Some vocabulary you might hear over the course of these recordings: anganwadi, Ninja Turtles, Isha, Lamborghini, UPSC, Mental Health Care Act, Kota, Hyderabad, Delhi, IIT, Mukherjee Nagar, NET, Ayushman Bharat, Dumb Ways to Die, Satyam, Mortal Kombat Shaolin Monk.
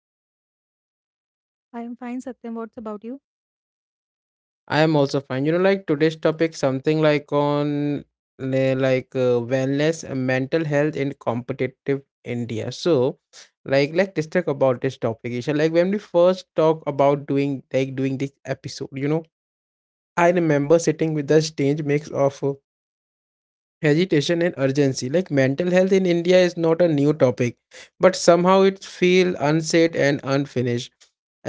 how are you Isha? I am fine, Satyam. What's about you? I am also fine. You know like today's topic something like on like wellness and mental health in competitive India. So, like let's just talk about this topic Isha. Like when we first talk about doing this episode, you know, I remember sitting with the strange mix of hesitation and urgency, like mental health in india is not a new topic but somehow it feels unsaid and unfinished.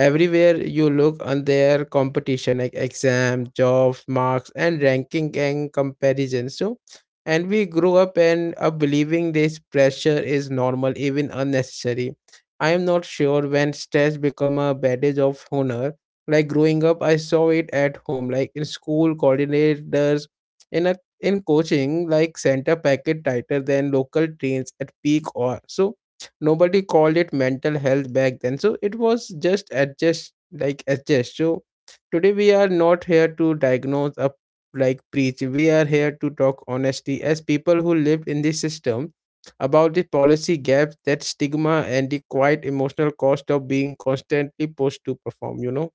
Everywhere you look on their competition, like exam, jobs, marks and ranking and comparison. So And we grew up believing this pressure is normal, even unnecessary. I am not sure when stress become a badge of honor. Like growing up I saw it at home, like in school coordinators, in a in coaching like center packet tighter than local trains at peak hour. So nobody called it mental health back then. So it was just adjust, like adjust. So today we are not here to diagnose up, like preach. We are here to talk honesty as people who lived in this system, about the policy gaps, that stigma and the quite emotional cost of being constantly pushed to perform, you know.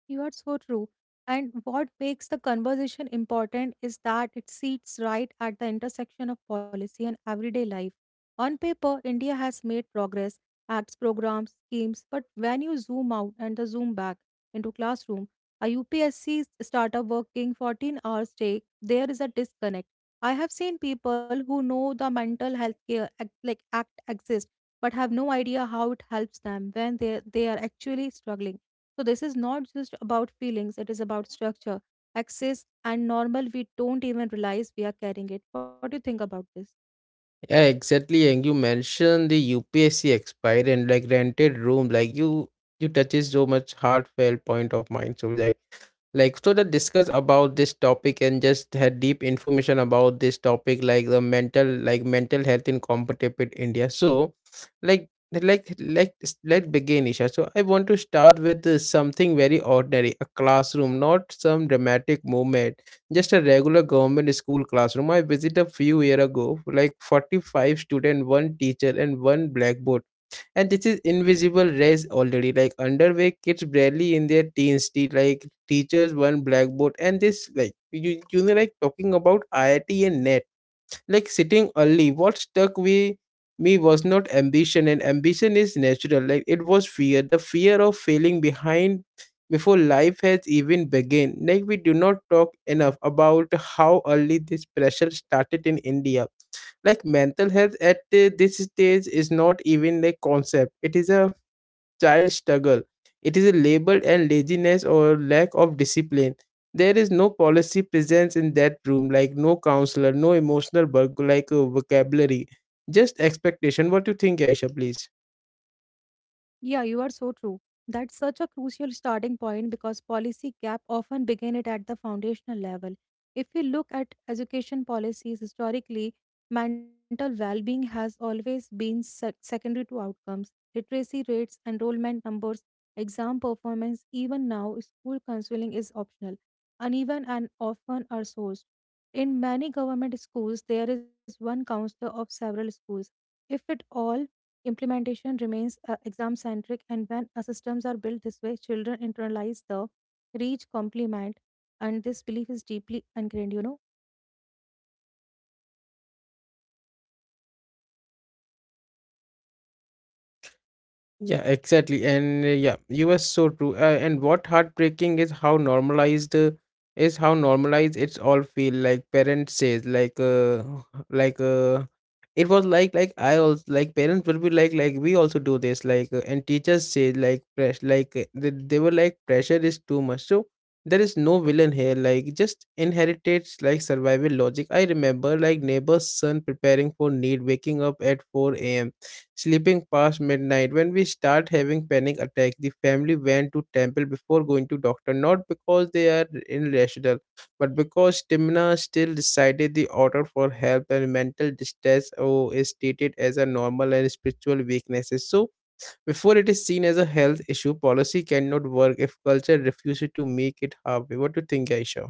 You are so true. And what makes the conversation important is that it sits right at the intersection of policy and everyday life. On paper, India has made progress, acts, programs, schemes, but when you zoom out and the zoom back into classroom, a UPSC startup working 14 hours a day, there is a disconnect. I have seen people who know the mental health care act, like act exists, but have no idea how it helps them when they are actually struggling. So this is not just about feelings, it is about structure, access, and normal we don't even realize we are carrying it. What do you think about this? Yeah, exactly. And you mentioned the UPSC expiry and like rented room, like you touches so much heartfelt point of mind. So so that discuss about this topic and just had deep information about this topic, like the mental health in competitive India. So like let's begin Isha. So I want to start with something very ordinary, a classroom, not some dramatic moment, just a regular government school classroom. I visited a few year ago, like 45 students, one teacher and one blackboard. And this is invisible race already, like underway kids barely in their teens, like teachers, one blackboard. And this like, you know, like talking about IIT and NET, like sitting early. What stuck with me was not ambition, and ambition is natural, like it was fear, the fear of failing behind before life has even begun. Like we do not talk enough about how early this pressure started in india. Like mental health at this stage is not even a concept, it is a child struggle. It is labeled as laziness or lack of discipline. There is no policy presence in that room, like no counselor, no emotional work, like vocabulary, just expectation. What do you think, Aisha, please? Yeah, you are so true. That's such a crucial starting point because policy gap often begin it at the foundational level. If we look at education policies historically, mental well-being has always been secondary to outcomes. Literacy rates, enrollment numbers, exam performance, even now school counseling is optional, uneven and often are sourced. In many government schools, there is one counselor of several schools, if at all. Implementation remains exam centric, and when systems are built this way, children internalize the reach compliment, and this belief is deeply ingrained. You know. Yeah, exactly. And yeah, you were so true. And what heartbreaking is how normalized it's all feel, like parents says like like uh, it was like I also like parents will be like we also do this like and teachers say like press like they were like pressure is too much. So there is no villain here, like just inherited like survival logic. I remember like neighbor's son preparing for need, waking up at 4 a.m., sleeping past midnight. When we start having panic attack, the family went to temple before going to doctor, not because they are irrational but because Timna still decided the order for help. And mental distress, is treated as a normal and spiritual weaknesses. So before it is seen as a health issue, policy cannot work if culture refuses to make it halfway. What do you think, Aisha?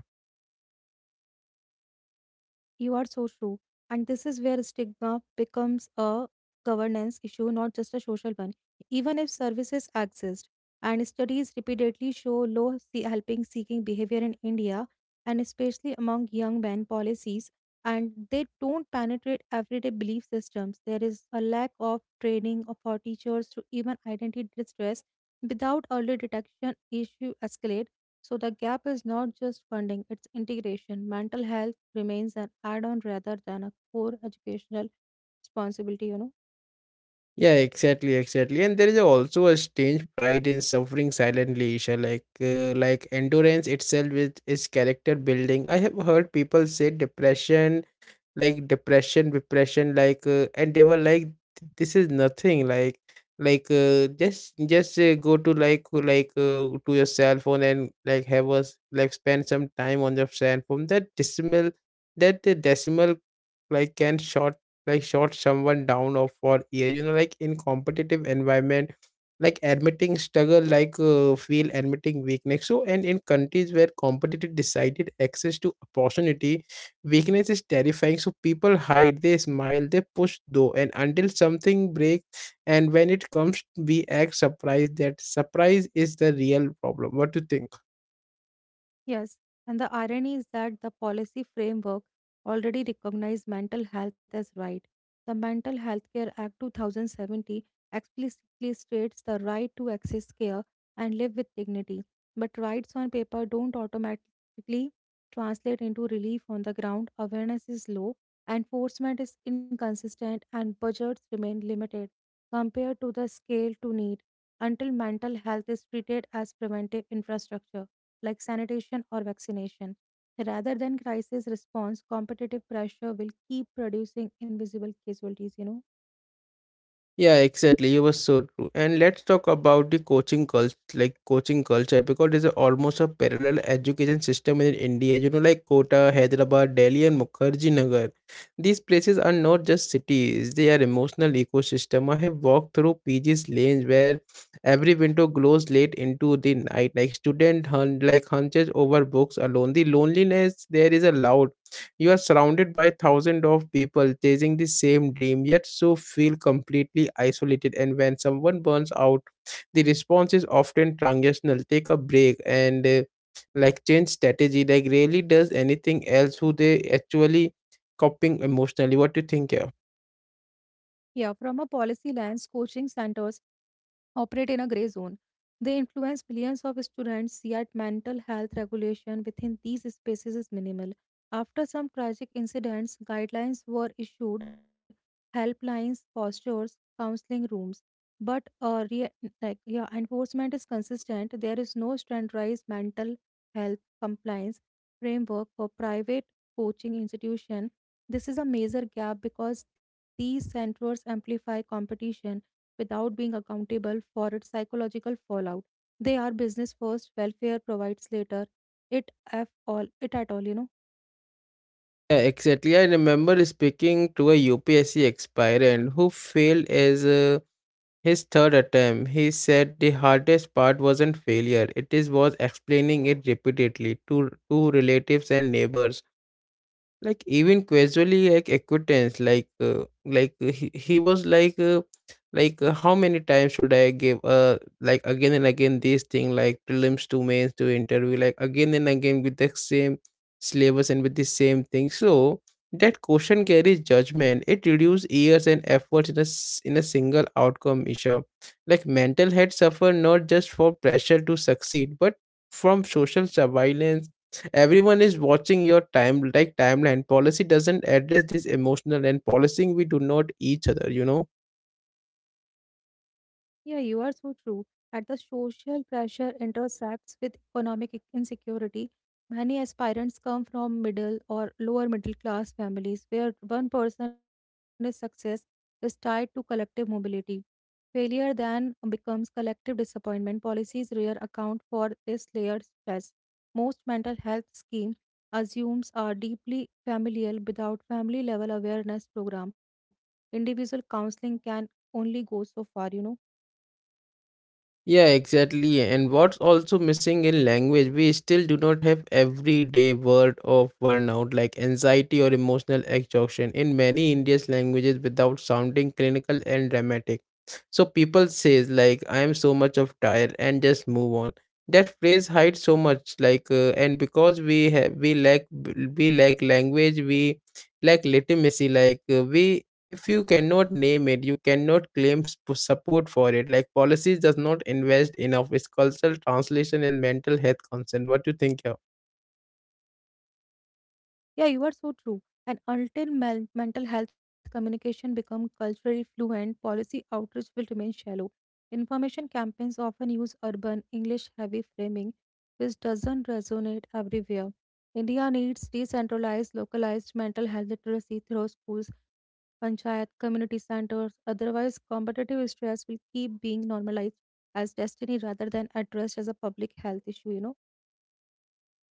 You are so true. And this is where stigma becomes a governance issue, not just a social one. Even if services exist, and studies repeatedly show low helping seeking behavior in India, and especially among young men, policies, and they don't penetrate everyday belief systems. There is a lack of training for teachers to even identify distress without early detection, issue escalate. So the gap is not just funding, it's integration. Mental health remains an add on rather than a core educational responsibility, you know. Yeah, exactly, exactly. And there is also a strange pride in suffering silently, Isha. Like endurance itself is character building. I have heard people say depression, like depression like and they were like this is nothing, like just go to like to your cell phone and like have us like spend some time on your cell phone, that decimal, that the decimal like can short, like short someone down or for year, you know, like in competitive environment, like admitting struggle, like feel admitting weakness. So and in countries where competitive decided access to opportunity, weakness is terrifying, so people hide, they smile, they push though, and until something breaks. And when it comes, we act surprised. That surprise is the real problem. What do you think? Yes, and the irony is that the policy framework already recognized mental health as right. The Mental Health Care Act 2070 explicitly states the right to access care and live with dignity, but rights on paper don't automatically translate into relief on the ground. Awareness is low, enforcement is inconsistent, and budgets remain limited compared to the scale to need until mental health is treated as preventive infrastructure like sanitation or vaccination. Rather than crisis response, competitive pressure will keep producing invisible casualties, you know. Yeah, exactly. You were so true. And let's talk about the coaching culture, like coaching culture, because there's a- almost a parallel education system in India. You know, like Kota, Hyderabad, Delhi, and Mukherjee Nagar. These places are not just cities; they are emotional ecosystem. I have walked through PG's lanes where every window glows late into the night, like student hunt, like hunches over books alone. The loneliness there is allowed. You are surrounded by thousands of people chasing the same dream, yet so feel completely isolated. And when someone burns out, the response is often transactional. Take a break and like change strategy. Like rarely does anything else who they actually coping emotionally. What do you think here? Yeah, from a policy lens, coaching centers operate in a gray zone. They influence millions of students, yet mental health regulation within these spaces is minimal. After some tragic incidents, guidelines were issued, helplines, postures, counseling rooms. But re- like Yeah, enforcement is consistent. There is no standardized mental health compliance framework for private coaching institutions. This is a major gap because these centers amplify competition without being accountable for its psychological fallout. They are business first, welfare provides later. It F all it at all, you know. Yeah, exactly. I remember speaking to a UPSC aspirant who failed as a. His third attempt, he said the hardest part wasn't failure, it is was explaining it repeatedly to relatives and neighbors, like even casually, like acquaintance like he was like how many times should I give uh, like again and again this thing, like prelims to mains to interview, like again and again with the same syllabus and with the same thing. So that question carries judgment, it reduces years and efforts in in a single outcome issue. Like mental health suffer not just for pressure to succeed but from social surveillance. Everyone is watching your time, like timeline. Policy doesn't address this emotional and policing we do not each other, you know. Yeah, you are so true. At the social pressure intersects with economic insecurity. Many aspirants come from middle or lower middle class families where one person's success is tied to collective mobility. Failure then becomes collective disappointment. Policies rare account for this layered stress. Most mental health scheme assumes are deeply familial without family level awareness program. Individual counseling can only go so far, you know. Yeah, exactly. And what's also missing in language, we still do not have everyday word of burnout, like anxiety or emotional exhaustion, in many Indian languages without sounding clinical and dramatic. So people says like I am so much of tired and just move on. That phrase hides so much, like and because we lack language, we lack legitimacy, like we if you cannot name it you cannot claim support for it. Like policies does not invest enough its cultural translation and mental health concern. What do you think here? Yeah, you are so true. And until mental health communication become culturally fluent, policy outreach will remain shallow. Information campaigns often use urban, English heavy framing, which doesn't resonate everywhere. India needs decentralized, localized mental health literacy through schools, panchayat, community centers. Otherwise, competitive stress will keep being normalized as destiny rather than addressed as a public health issue, you know?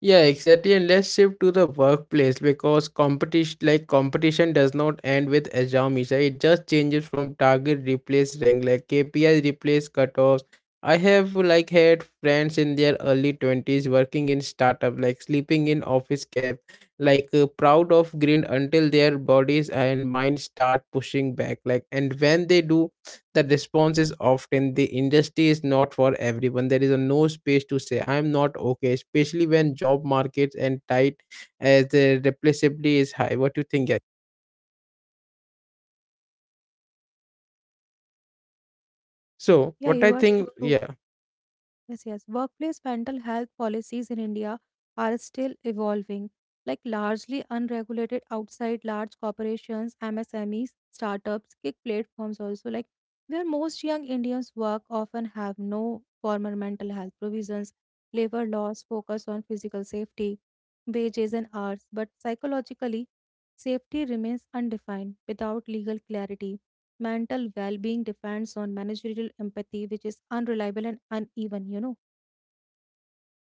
Yeah, exactly. And let's shift to the workplace because competition, like competition, does not end with exams, right? It just changes from target replace rank, like KPIs replace cutoffs. I have like had friends in their early 20s working in startup, like sleeping in office cab, like proud of green until their bodies and minds start pushing back. Like, and when they do, the response is often the industry is not for everyone. There is a no space to say I am not okay, especially when job markets and tight, as the replaceability is high. What do you think, yeah? So Yeah, what you I are so think, true. yeah. Yes, yes. Workplace mental health policies in India are still evolving, like largely unregulated outside large corporations, MSMEs, startups, gig platforms also, like where most young Indians work often have no formal mental health provisions. Labor laws focus on physical safety, wages and hours, but psychologically, safety remains undefined without legal clarity. Mental well being depends on managerial empathy, which is unreliable and uneven, you know.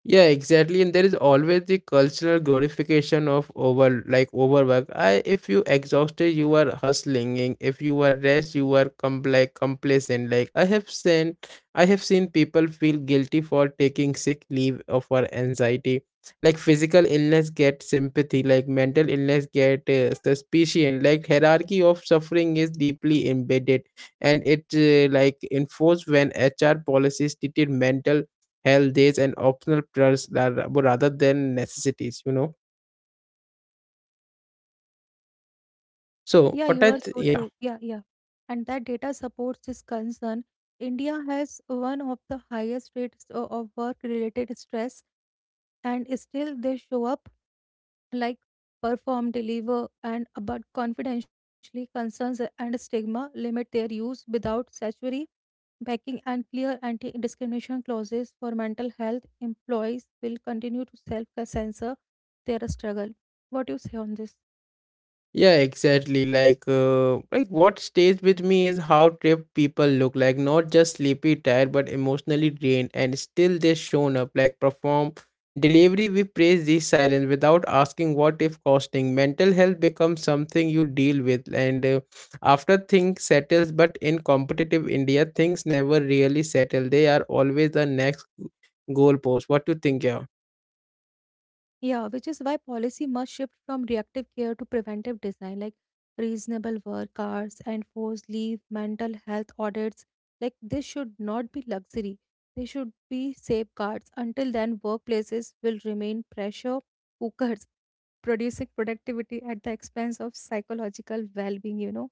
Yeah, exactly. And there is always the cultural glorification of overwork. I if you exhausted you are hustling, and if you are rest you are complacent. Like I have seen people feel guilty for taking sick leave or for anxiety. Like physical illness get sympathy, like mental illness get suspicion. Like hierarchy of suffering is deeply embedded, and it like enforced when HR policies treated mental health days and optional plus that- rather than necessities, you know. So Yeah, what you I are th-. Right, so yeah. true. Yeah, yeah. And that data supports this concern. India has one of the highest rates of work related stress, and still they show up like perform, deliver, and about confidentially concerns and stigma limit their use without statutory backing and clear anti-discrimination clauses for mental health. Employees will continue to self-censor their struggle. What do you say on this? Yeah, exactly. Like what stays with me is how tripped people look, like not just sleepy, tired, but emotionally drained, and still they shown up, like perform, delivery. We praise these silence without asking what if costing. Mental health becomes something you deal with, and after things settles. But in competitive India, things never really settle. They are always the next goalpost. What do you think, yeah? Yeah, which is why policy must shift from reactive care to preventive design, like reasonable work hours, enforced leave, mental health audits. Like, this should not be luxury. They should be safeguards. Until then, workplaces will remain pressure cookers, producing productivity at the expense of psychological well being, you know.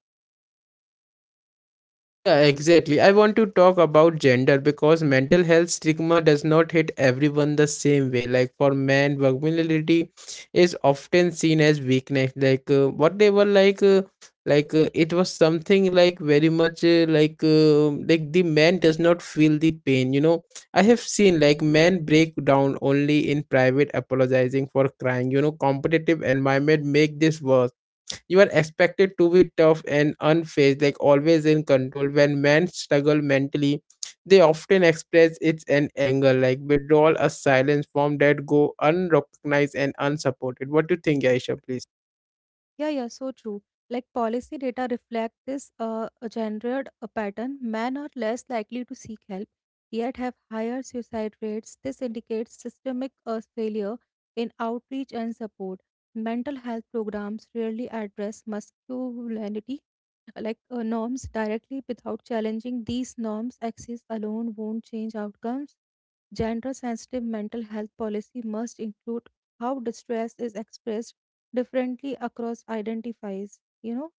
Yeah, exactly. I want to talk about gender because mental health stigma does not hit everyone the same way. Like for men, vulnerability is often seen as weakness. Like what they were like, it was something like very much like the man does not feel the pain. You know, I have seen like men break down only in private, apologizing for crying. You know, competitive environment make this worse. You are expected to be tough and unfazed, like always in control. When men struggle mentally, they often express it in anger, like withdrawal, a silence form that go unrecognized and unsupported. What do you think, Aisha, please? Yeah, yeah, so true. Like policy data reflect this gendered pattern. Men are less likely to seek help, yet have higher suicide rates. This indicates systemic failure in outreach and support. Mental health programs rarely address masculinity norms directly without challenging these norms. Access alone won't change outcomes. Gender sensitive mental health policy must include how distress is expressed differently across identities. You know.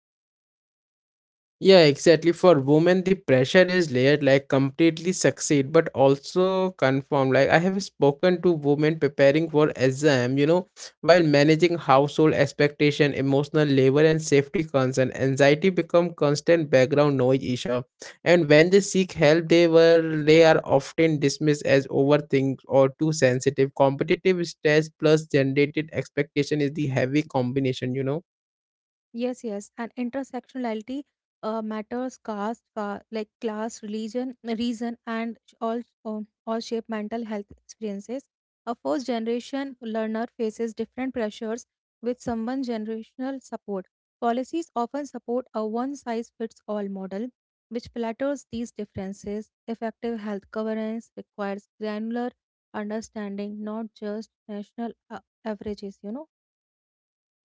Yeah, exactly. For women, the pressure is layered, like completely succeed, but also conform. Like I have spoken to women preparing for exam, while managing household expectation, emotional labor, and safety concern, anxiety become constant background noise issue. And when they seek help, they are often dismissed as overthink or too sensitive. Competitive stress plus generated expectation is the heavy combination. Yes, yes, and intersectionality matters. Caste, class, religion, reason, and all shape mental health experiences. A first generation learner faces different pressures with someone generational support. Policies often support a one size fits all model, which flatters these differences. Effective health governance requires granular understanding, not just national averages. You know.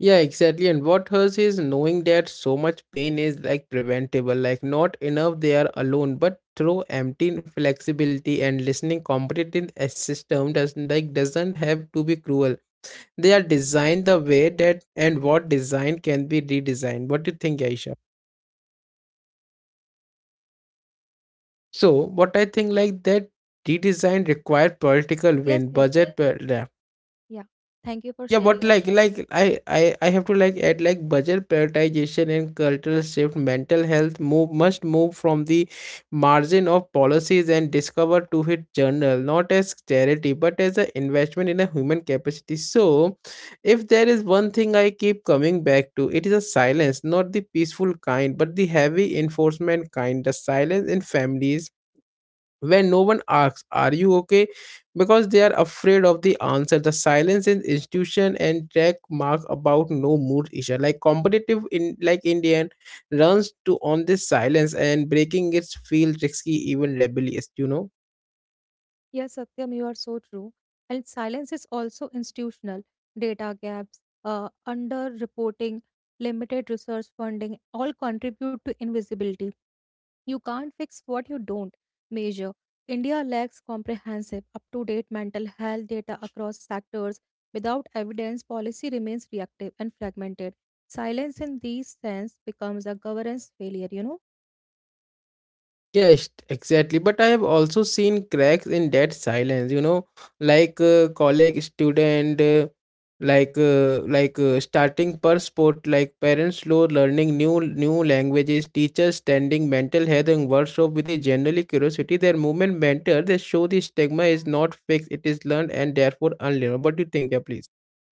Yeah, exactly. And what hurts is knowing that so much pain is like preventable, like not enough they are alone, but through empty flexibility and listening, competent a system doesn't have to be cruel. They are designed the way that and what design can be redesigned. What do you think, Aisha? So what I think like that redesign require political Yes, win, yes, yes. budget. Yeah. Thank you for Yeah, but sharing your. like like I I I have to like add like budget prioritization and cultural shift. Mental health move must move from the margin of policies and discover to hit journal, not as charity but as an investment in a human capacity. So, if there is one thing I keep coming back to, it is a silence, not the peaceful kind, but the heavy enforcement kind. The silence in families when no one asks are you okay because they are afraid of the answer, the silence in institution and track mark about no mood issue like competitive in like indian runs to on this silence and breaking it feel risky even rebellious, Yes, Satyam, you are so true. And silence is also institutional. Data gaps, underreporting, limited research funding all contribute to invisibility. You can't fix what you don't measure. India lacks comprehensive, up to date mental health data across sectors. Without evidence, policy remains reactive and fragmented. Silence in these sense becomes a governance failure, you know. Exactly. But I have also seen cracks in that silence, you know, like college student, starting per sport, like parents slow learning new languages, teachers standing mental health and workshop with the generally curiosity. Their movement mentor, they show the stigma is not fixed, it is learned and therefore unlearned. What do you think? Yeah, please.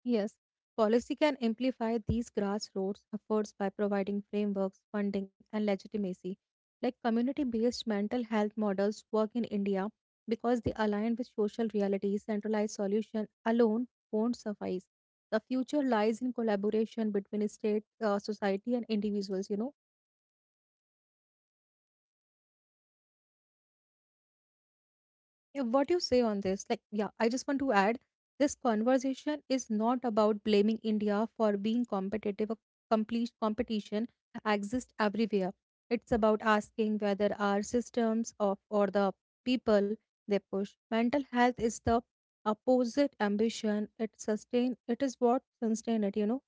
Yes, policy can amplify these grassroots efforts by providing frameworks, funding, and legitimacy. Like community based mental health models work in India because they align with social realities, centralized solution alone won't suffice. The future lies in collaboration between state, society, and individuals, you know. Yeah, what you say on this like yeah I just want to add this conversation is not about blaming India for being competitive a complete competition exists everywhere. It's about asking whether our systems of or the people they push mental health is the opposite ambition it sustain, it is what sustain it, you know.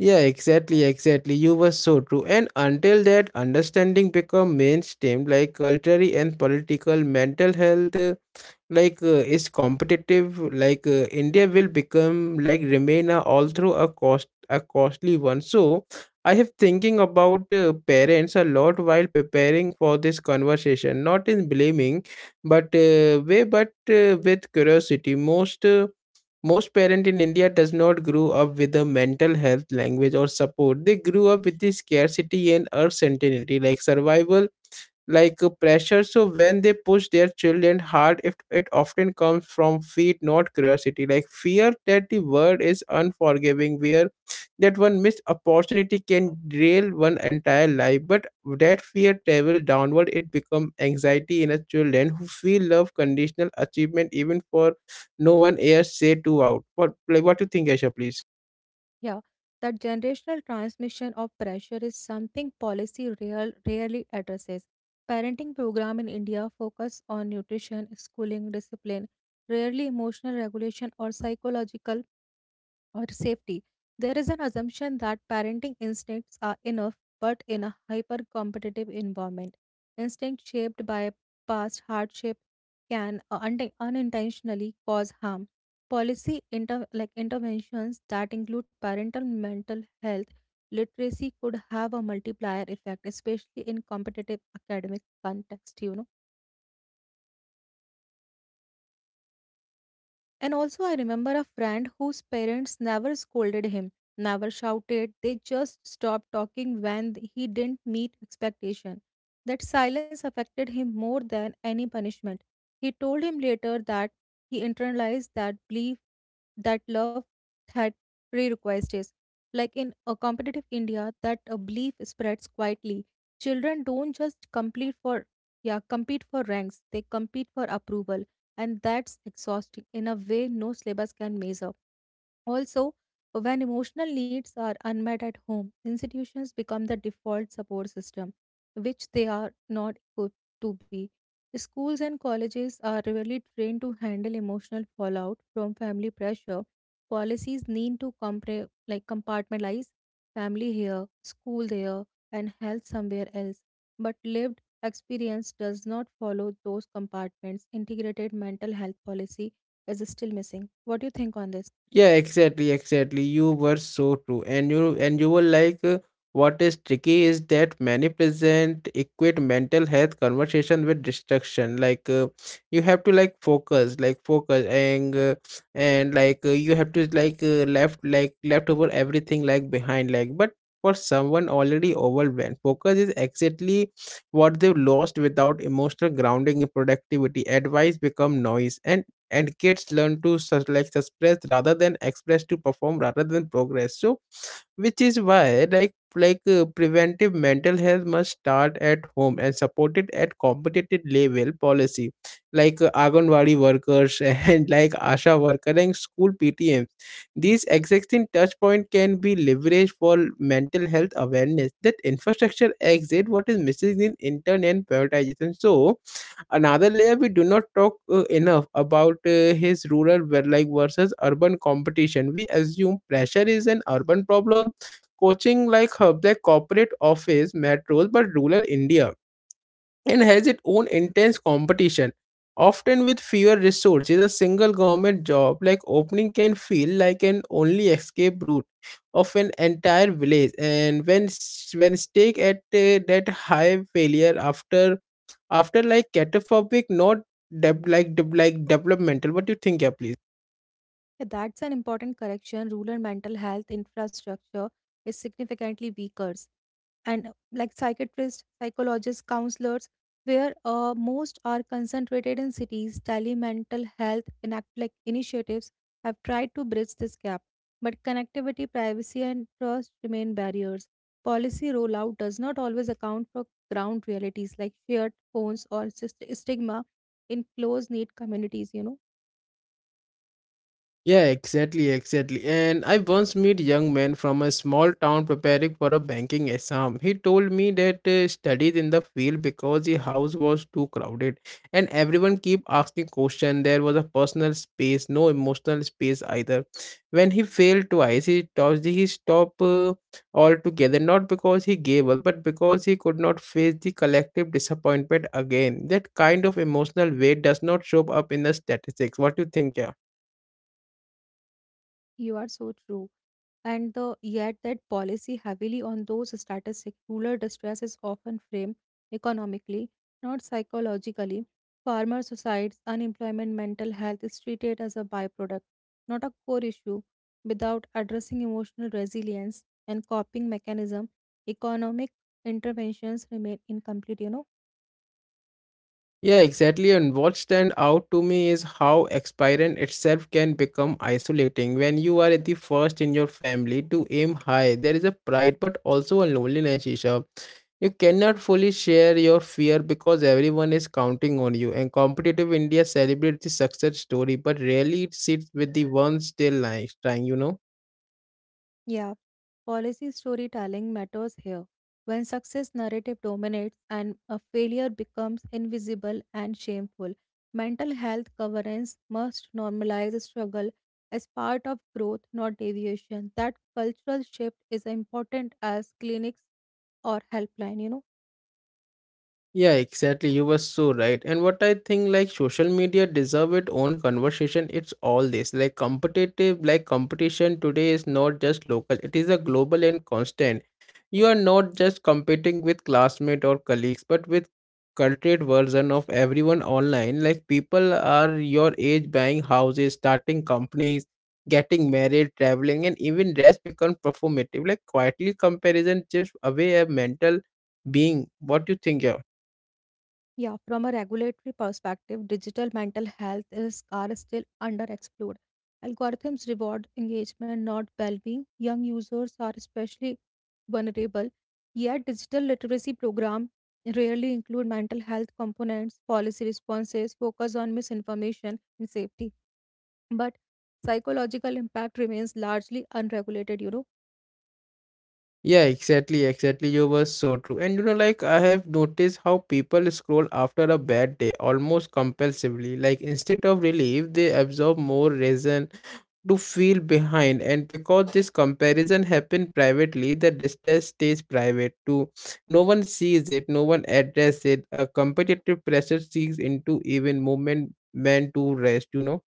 Yeah, exactly, exactly. You were so true. And until that understanding become mainstream, like culturally and political, mental health is competitive. India will become like remain a although a cost a costly one. So I have thinking about parents a lot while preparing for this conversation, not in blaming, but with curiosity. Most parents in India does not grow up with the mental health language or support. They grew up with the scarcity and uncertainty like survival pressure, so when they push their children hard, it often comes from fear not curiosity, like fear that the world is unforgiving where that one missed opportunity can derail one entire life, but that fear travel downward, it become anxiety in a children who feel love conditional achievement even for no one else say to out what. Like what do you think, asha, please? Yeah, that generational transmission of pressure is something policy real, rarely addresses. Parenting program in India focus on nutrition, schooling, discipline, rarely emotional regulation or psychological or safety. There is an assumption that parenting instincts are enough, but in a hyper competitive environment, instinct shaped by past hardship can unintentionally cause harm. Policy interventions that include parental mental health literacy could have a multiplier effect, especially in competitive academic context. You know. And also, I remember a friend whose parents never scolded him, never shouted, they just stopped talking when he didn't meet expectation. That silence affected him more than any punishment. He told him later that he internalized that belief that love had prerequisites. Like in a competitive India, that a belief spreads quietly. Children don't just compete for yeah compete for ranks; they compete for approval, and that's exhausting in a way no syllabus can measure. Also, when emotional needs are unmet at home, institutions become the default support system, which they are not equipped to be. Schools and colleges are rarely trained to handle emotional fallout from family pressure. Policies need to compartmentalize family here, school there, and health somewhere else. But lived experience does not follow those compartments. Integrated mental health policy is still missing. What do you think on this? Yeah, exactly, exactly. You were so true. And you were like what is tricky is that many present equate mental health conversation with distraction. You have to like focus and like you have to like left over everything like behind like but for someone already overwhelmed, focus is exactly what they've lost without emotional grounding in productivity. Advice become noise, and kids learn to suppress rather than express, to perform rather than progress. So which is why preventive mental health must start at home and supported at competitive level policy, anganwadi workers and like asha worker and school ptms, these existing touch point can be leveraged for mental health awareness. That infrastructure exit, what is missing in intern and prioritization. So another layer we do not talk enough about his rural versus urban competition. We assume pressure is an urban problem, coaching like hub the corporate office metros, but rural india and has its own intense competition often with fewer resources. A single government job like opening can feel like an only escape route of an entire village. And when stake at that high, failure after like catastrophic, not deb like deb like developmental. What do you think? Yeah, please. Yeah, that's an important correction. Rural mental health infrastructure is significantly weaker. And like psychiatrists, psychologists, counselors, where most are concentrated in cities, telemental health enact like initiatives have tried to bridge this gap. But connectivity, privacy, and trust remain barriers. Policy rollout does not always account for ground realities like shared phones or stigma in close knit communities. You know, Yeah, exactly, exactly. And I once met young man from a small town preparing for a banking exam. He told me that studied in the field because the house was too crowded and everyone keep asking question. There was a personal space, no emotional space either. When he failed twice, he stopped altogether, not because he gave up but because he could not face the collective disappointment again. That kind of emotional weight does not show up in the statistics. What do you think? Yeah? you are so true. And the yet that policy heavily on those statistics, rural distress is often framed economically, not psychologically. Farmer suicides, unemployment, mental health is treated as a byproduct, not a core issue. Without addressing emotional resilience and coping mechanism, economic interventions remain incomplete, you know. Yeah, exactly. And what stand out to me is how aspiring itself can become isolating. When you are the first in your family to aim high, there is a pride but also a loneliness, Isha. You cannot fully share your fear because everyone is counting on you. And competitive India celebrates the success story but rarely it sits with the ones still like trying, you know. Yeah, policy storytelling matters here. When success narrative dominates and a failure becomes invisible and shameful, mental health governance must normalize struggle as part of growth, not deviation. That cultural shift is important as clinics or helpline, you know. Yeah, exactly. You were so right. And what I think like social media deserve its own conversation. It's all this. Like competition today is not just local. It is a global and constant. You are not just competing with classmate or colleagues, but with cultured version of everyone online. Like people are your age buying houses, starting companies, getting married, traveling, and even rest become performative. Like quietly comparison chips away a mental being. What do you think? Yeah? Yeah, from a regulatory perspective, digital mental health risks are still underexplored. Algorithms reward engagement, not well being. Young users are especially vulnerable, yet, digital literacy programs rarely include mental health components, policy responses, focus on misinformation, and safety. But psychological impact remains largely unregulated. Yeah, exactly, exactly. You were so true. And you know, like I have noticed how people scroll after a bad day almost compulsively. Like instead of relief, they absorb more reason to feel behind. And because this comparison happened privately, the distress stays private too. No one sees it, no one addresses it. A competitive pressure seeks into even moment meant to rest, you know.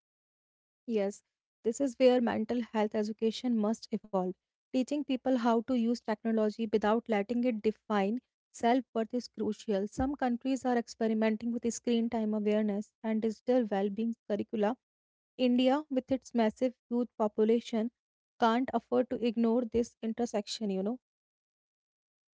Yes, this is where mental health education must evolve. Teaching people how to use technology without letting it define self worth is crucial. Some countries are experimenting with screen time awareness and digital well being curricula. India, with its massive youth population, can't afford to ignore this intersection.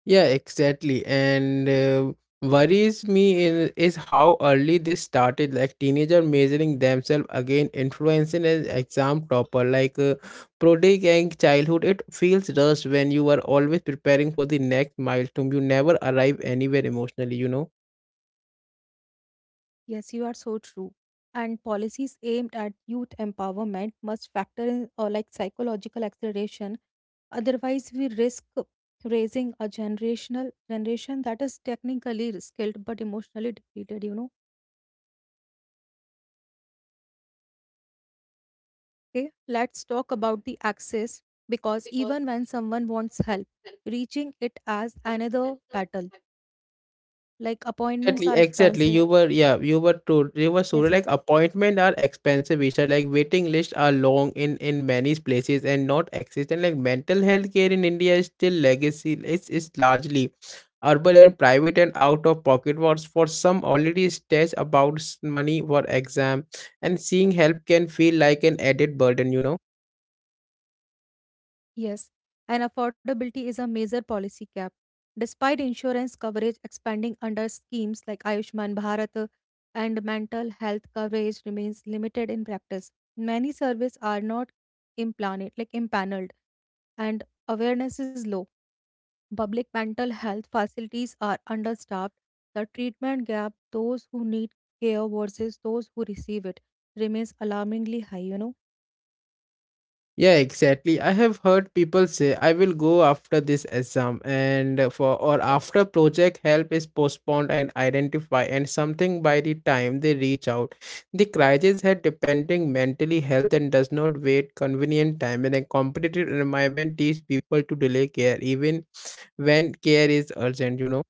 Yeah, exactly. And worries me in, is how early this started. Like teenager measuring themselves again, influencing an exam topper. Prodigy and childhood, it feels rushed when you are always preparing for the next milestone. You never arrive anywhere emotionally. You know. Yes, you are so true. And policies aimed at youth empowerment must factor in or like psychological acceleration. Otherwise, we risk raising a generation that is technically skilled but emotionally depleted. Okay, let's talk about the access because even when someone wants help, reaching it as another battle. Like appointments Exactly, are exactly. expensive. You were, yeah, you were true. You were sure. Yes. Like appointment are expensive, Isha. Like waiting lists are long in many places and not existent. Like mental health care in India is still legacy. It's largely urban and private and out of pocket. Was for some already stressed about money for exam, and seeing help can feel like an added burden. You know. Yes, and affordability is a major policy gap. Despite insurance coverage expanding under schemes like Ayushman Bharat and mental health coverage remains limited in practice. Many services are not implanted, like impaneled, and awareness is low. Public mental health facilities are understaffed. The treatment gap, those who need care versus those who receive it, remains alarmingly high, you know? Yeah, exactly. I have heard people say I will go after this exam and for or after project, help is postponed and identify and something by the time they reach out. The crisis had depending mentally health and does not wait convenient time in a competitive environment, teach people to delay care even when care is urgent, you know.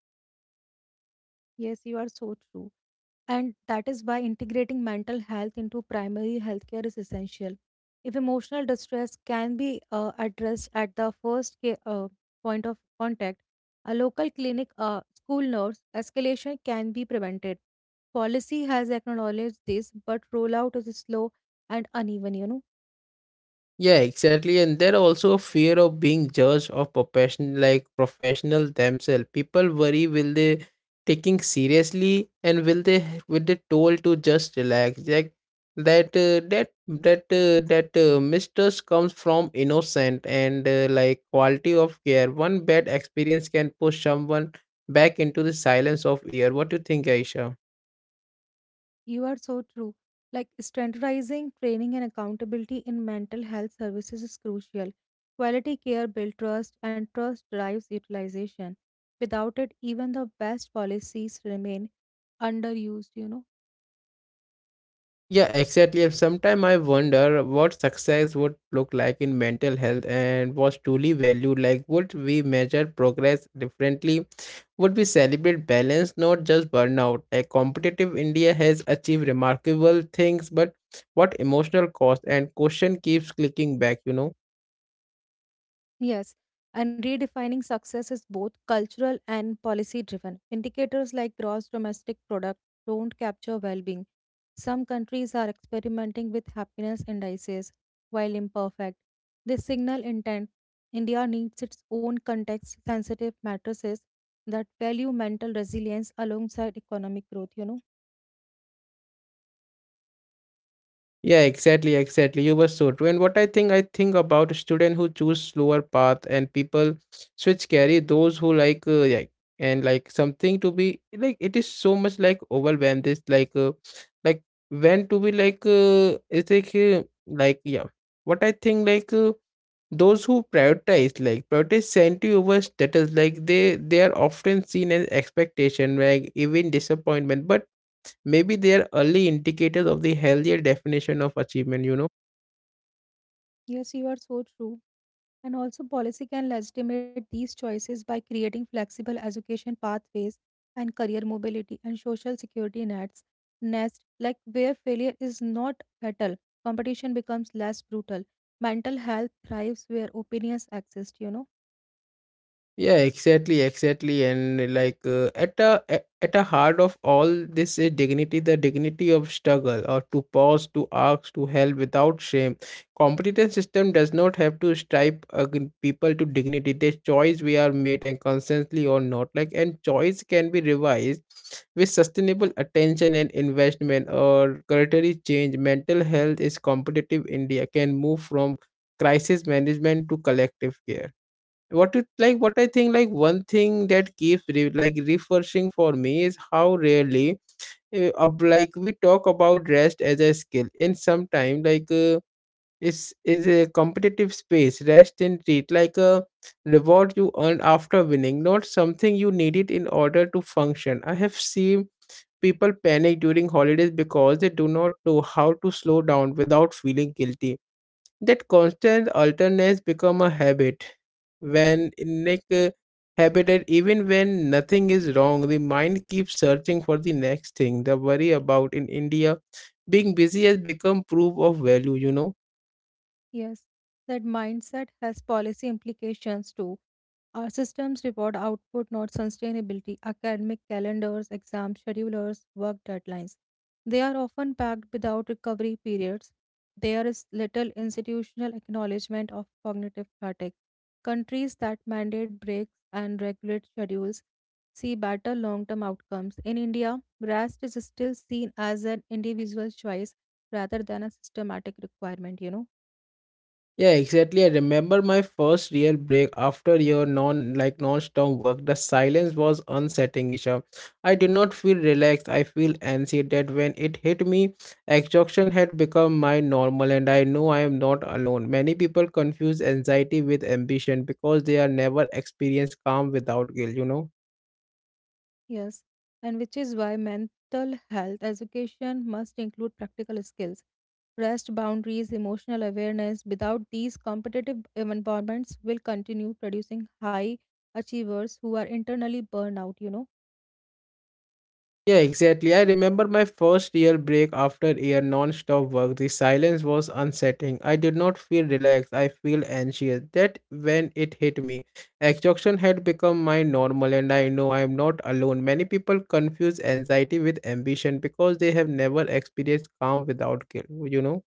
Yes, you are so true. And that is why integrating mental health into primary healthcare is essential. If emotional distress can be addressed at the point of contact, a local clinic, a school nurse, escalation can be prevented. Policy has acknowledged this, but rollout is slow and uneven, you know. Yeah, exactly. And there also a fear of being judged of profession like professional themselves. People worry will they taking seriously and will they told to just relax. Like that mistrust comes from innocent and like quality of care. One bad experience can push someone back into the silence of year. What do you think, Aisha? You are so true. Like standardizing training and accountability in mental health services is crucial. Quality care builds trust, and trust drives utilization. Without it, even the best policies remain underused. Yeah, exactly. And sometimes I wonder what success would look like in mental health and was truly valued. Like, would we measure progress differently? Would we celebrate balance, not just burnout? Like, competitive India has achieved remarkable things, but what emotional cost? And question keeps clicking back, you know. Yes, and redefining success is both cultural and policy driven. Indicators like gross domestic product don't capture well being. Some countries are experimenting with happiness indices, while imperfect. They signal intent. India needs its own context sensitive matrices that value mental resilience alongside economic growth, you know? Yeah, exactly, exactly. You were so true. And I think about students who choose slower path and people switch carry those who like yeah, and like something to be like it is so much like overwhelmed. This like When to be like it's like yeah. What I think like those who prioritize sanity over status, like they are often seen as expectation like even disappointment, but maybe they are early indicators of the healthier definition of achievement, you know. Yes, you are so true. And also, policy can legitimate these choices by creating flexible education pathways and career mobility and social security nets, nest, like where failure is not fatal, competition becomes less brutal, mental health thrives where opinions exist. Yeah, exactly, exactly. And at a heart of all this is dignity, the dignity of struggle, or to pause, to ask, to help without shame. Competence system does not have to stripe again people to dignity. The choice we are made and constantly or not, like and choice can be revised with sustainable attention and investment or curatory change. Mental health is competitive. India can move from crisis management to collective care. What it like what I think like one thing that keeps refreshing for me is how rarely we talk about rest as a skill in some time it's is a competitive space rest in treat like a reward you earn after winning, not something you needed in order to function. I have seen people panic during holidays because they do not know how to slow down without feeling guilty. That constant alternates become a habit when like uh, habited. Even when nothing is wrong, the mind keeps searching for the next thing the worry about. In India, being busy has become proof of value. Yes, that mindset has policy implications too. Our systems reward output, not sustainability. Academic calendars, exam schedulers, work deadlines. They are often packed without recovery periods. There is little institutional acknowledgement of cognitive fatigue. Countries that mandate breaks and regulate schedules see better long term outcomes. In India, rest is still seen as an individual choice rather than a systematic requirement. Yeah, exactly. I remember my first real break after your non-stop work. The silence was unsettling, Isha. I did not feel relaxed. I feel anxious. That when it hit me, exhaustion had become my normal, and I know I am not alone. Many people confuse anxiety with ambition because they are never experienced calm without guilt. Yes, and which is why mental health education must include practical skills, rest boundaries, emotional awareness. Without these, competitive environments will continue producing high achievers who are internally burned out. Yeah, exactly. I remember my first real break after year non-stop work. The silence was unsettling. I did not feel relaxed. I feel anxious. That when it hit me, exhaustion had become my normal, and I know I am not alone. Many people confuse anxiety with ambition because they have never experienced calm without guilt. You know.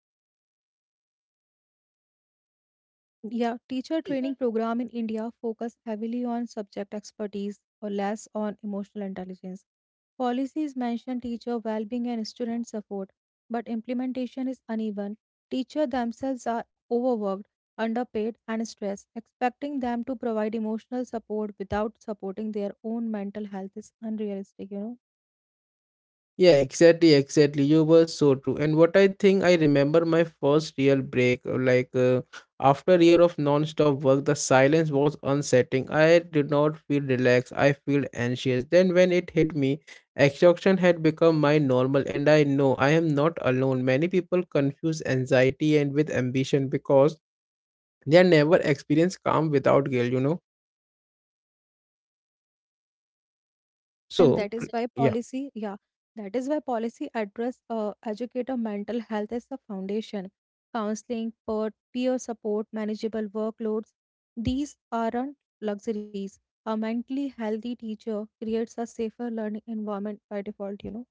Yeah, teacher training program in India focus heavily on subject expertise or less on emotional intelligence. Policies mention teacher well-being and student support, but implementation is uneven. Teachers themselves are overworked, underpaid, and stressed. Expecting them to provide emotional support without supporting their own mental health is unrealistic. Yeah, exactly, exactly. You were so true. And what I think, I remember my first real break, after a year of non-stop work. The silence was unsettling. I did not feel relaxed. I feel anxious. Then when it hit me, exhaustion had become my normal, and I know I am not alone. Many people confuse anxiety and with ambition because they never experience calm without guilt. You know. And So, that is why yeah. policy, yeah, that is why policy address educator mental health as the foundation. Counseling, peer support, manageable workloads, these aren't luxuries. A mentally healthy teacher creates a safer learning environment by default.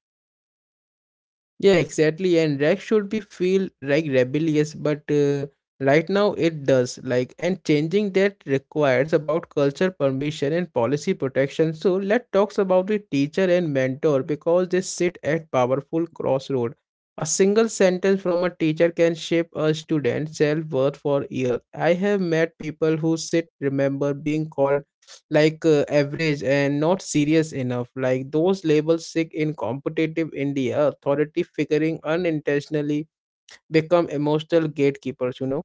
Yeah, exactly. And rag should be feel like rebellious, but right now it does. Like, and changing that requires about culture permission and policy protection. So let's talk about the teacher and mentor because they sit at powerful crossroad. A single sentence from a teacher can shape a student's self worth for years. I have met people who sit remember being called average and not serious enough. Like, those labels sick in competitive India, authority figuring unintentionally become emotional gatekeepers.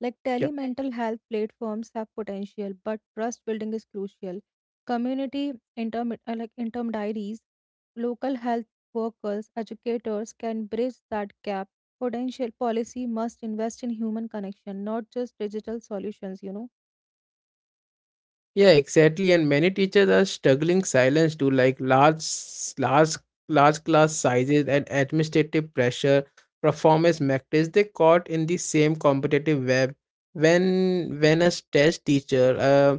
Like telemental health platforms have potential, but trust building is crucial. Community interim diaries, local health workers, educators can bridge that gap. Potential policy must invest in human connection, not just digital solutions. Yeah, exactly. And many teachers are struggling silence too, like large, large, large class sizes and administrative pressure, performance metrics. They caught in the same competitive web. When a stressed teacher uh,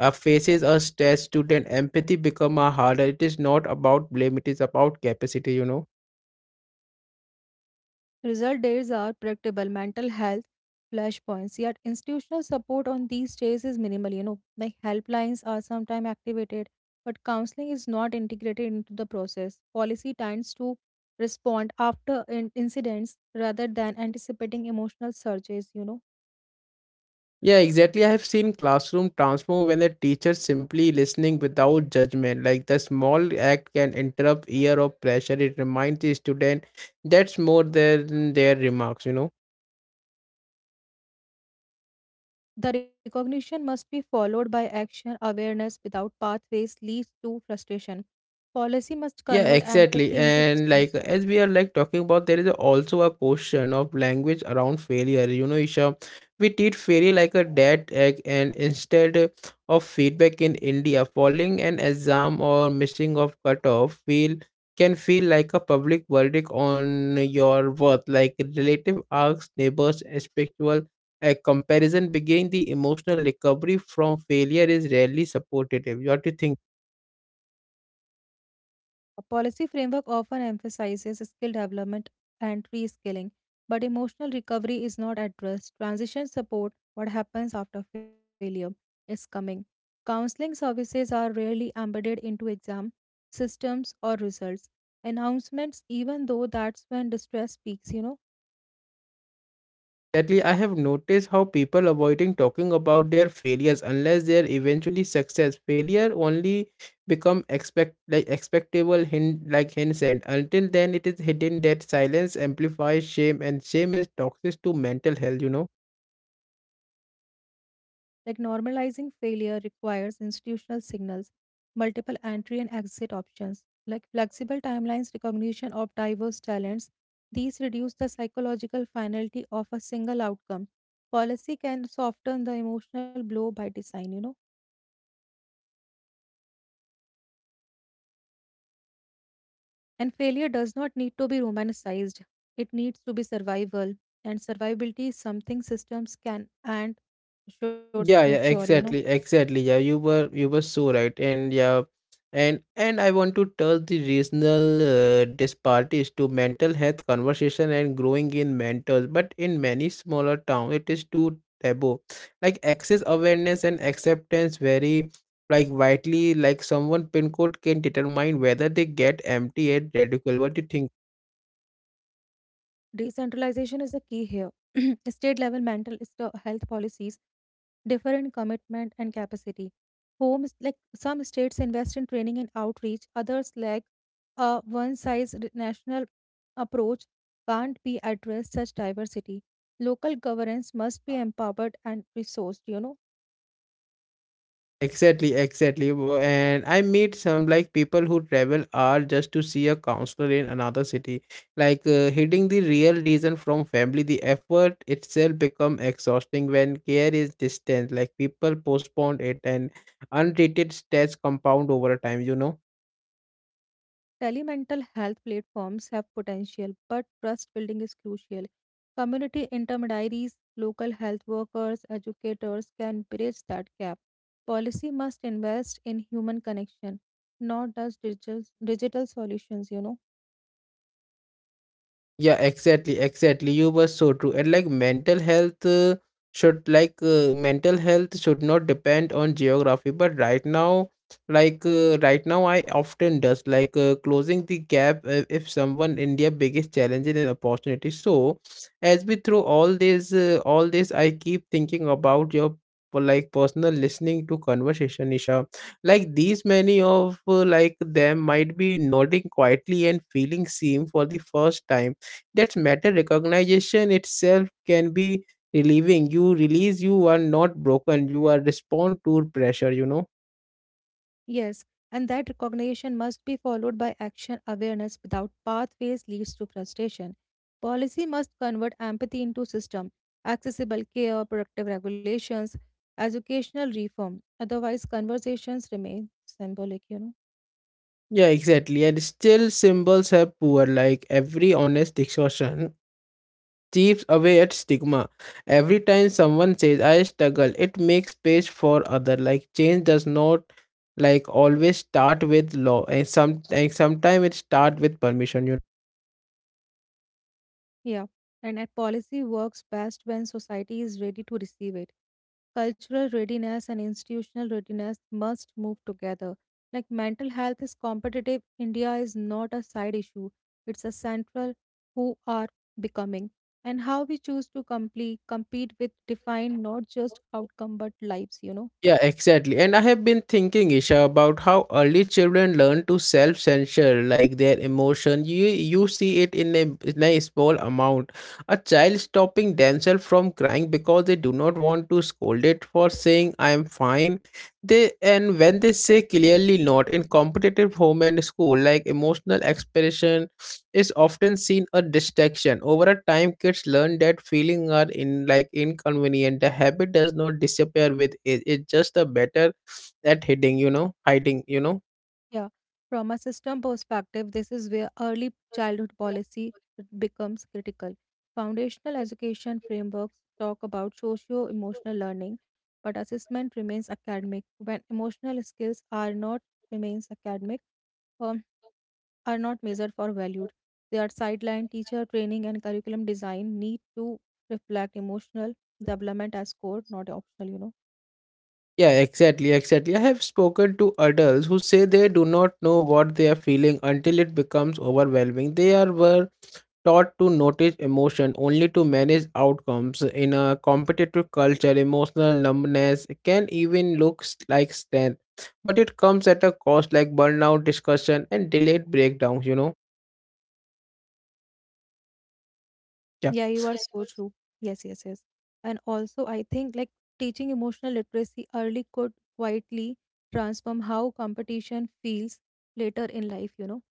uh, faces a stressed student, empathy become a harder. It is not about blame. It is about capacity. You know. Result days are predictable mental health flashpoints, yet institutional support on these days is minimal. Like helplines are sometimes activated, but counseling is not integrated into the process. Policy tends to respond after incidents rather than anticipating emotional surges. Yeah, exactly. I have seen classroom transform when the teacher simply listening without judgment. Like, the small act can interrupt year of pressure. It reminds the student that's more than their remarks. The recognition must be followed by action. Awareness without pathways leads to frustration. Policy must Yeah, convert exactly. empathy into And like system. as we are like talking about, there is also a question of language around failure. You know, Isha, we treat failure like a dead egg, and instead of feedback in India, falling an exam or missing of cutoff feel can feel like a public verdict on your worth. Like relative arcs, neighbors, and spiritual a comparison begin the emotional recovery from failure is rarely supportive. What do you think? A policy framework often emphasizes skill development and reskilling, but emotional recovery is not addressed. Transition support, what happens after failure, is coming. Counseling services are rarely embedded into exam systems or results. Announcements, even though that's when distress peaks. Sadly, I have noticed how people avoiding talking about their failures unless they are eventually success. Failure only become expectable hint like hindsight. Until then, it is hidden. That silence amplifies shame, and shame is toxic to mental health. You know. Like normalizing failure requires institutional signals, multiple entry and exit options, like flexible timelines, recognition of diverse talents. These reduce the psychological finality of a single outcome. Policy can soften the emotional blow by design. And failure does not need to be romanticized, it needs to be survival. And survivability is something systems can and should Yeah, ensure, yeah, you know. exactly, exactly. Yeah, you were so right, and yeah, and I want to touch the regional disparities to mental health conversation and growing in mentors. But in many smaller towns, it is too taboo. Like access awareness and acceptance vary like widely. Like someone pin code can determine whether they get empty at radical. What do you think? Decentralization is the key here. State level health policies, different commitment and capacity. Homes like some states invest in training and outreach, others lack a one size national approach can't be addressed such diversity. Local governance must be empowered and resourced. Exactly, exactly. And I meet some like people who travel are just to see a counselor in another city. Hiding the real reason from family, the effort itself become exhausting when care is distant. Like people postpone it and untreated stress compound over time, you know. Telemental health platforms have potential, but trust building is crucial. Community intermediaries, local health workers, educators can bridge that gap. Policy must invest in human connection, not just digital solutions, you know. Yeah, exactly, exactly. You were so true. And like mental health should like mental health should not depend on geography. But right now, right now, I often does closing the gap if someone India biggest challenge and opportunity. So as we through all this, I keep thinking about your personal listening to conversation, Nisha. Like these many of them might be nodding quietly and feeling seen for the first time. That's matter. Recognition itself can be relieving. You release you are not broken. You are respond to pressure. You know. Yes, and that recognition must be followed by action awareness without pathways leads to frustration. Policy must convert empathy into system, accessible care, productive regulations, educational reform. Otherwise, conversations remain symbolic. Yeah, exactly. And still symbols have poor. Like, every honest discussion chips away at stigma. Every time someone says I struggle, it makes space for other. Like, change does not like always start with law, and sometimes it start with permission. You know. Yeah, and that policy works best when society is ready to receive it. Cultural readiness and institutional readiness must move together. Like mental health is competitive, India is not a side issue, it's a central who are becoming. And how we choose to complete, compete with define not just outcome but lives. Yeah, exactly. And I have been thinking, Isha, about how early children learn to self-censor, like their emotion. You see it in in a small amount. A child stopping themselves from crying because they do not want to scold it for saying I am fine. They, and when they say clearly not in competitive home and school, like emotional expression is often seen a distraction. Over a time, kids learn that feelings are in like inconvenient. The habit does not disappear with it. It's just a better at hiding, you know, hiding. Yeah, from a system perspective, this is where early childhood policy becomes critical. Foundational education frameworks talk about socio emotional learning, but assessment remains academic. When emotional skills are not remains academic, um, are not measured for valued. They are sidelined. Teacher training and curriculum design need to reflect emotional development as core, not optional. Yeah, exactly, exactly. I have spoken to adults who say they do not know what they are feeling until it becomes overwhelming. They are were taught to notice emotion only to manage outcomes. In a competitive culture, emotional numbness can even look strength, but it comes at a cost, like burnout, discussion, and delayed breakdowns, you know. Yeah. Yeah, you are so true. Yes, yes, yes. And also, I think like teaching emotional literacy early could quietly transform how competition feels later in life.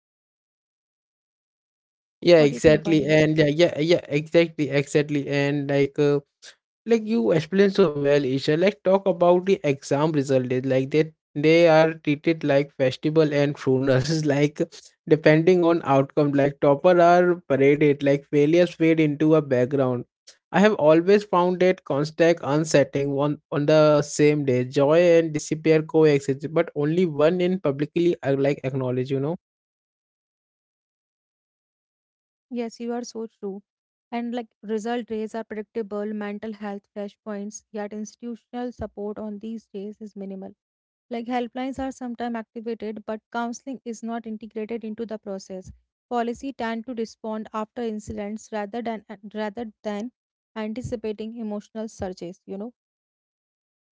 Yeah, What do you think on exactly. this? And yeah, yeah, yeah, exactly, exactly. And like you explained so well, Isha, let's talk about the exam result days. Like, they are treated like festival and crooners like depending on outcome. Like topper are paraded, like failures fade into a background. I have always found that constant unsettling. On the same day joy and disappear coexist, but only one in publicly like acknowledge. You know. Yes, you are so true. And like result rates are predictable, mental health flashpoints, yet institutional support on these days is minimal. Like helplines are sometimes activated, but counseling is not integrated into the process. Policy tend to respond after incidents rather than anticipating emotional surges. You know,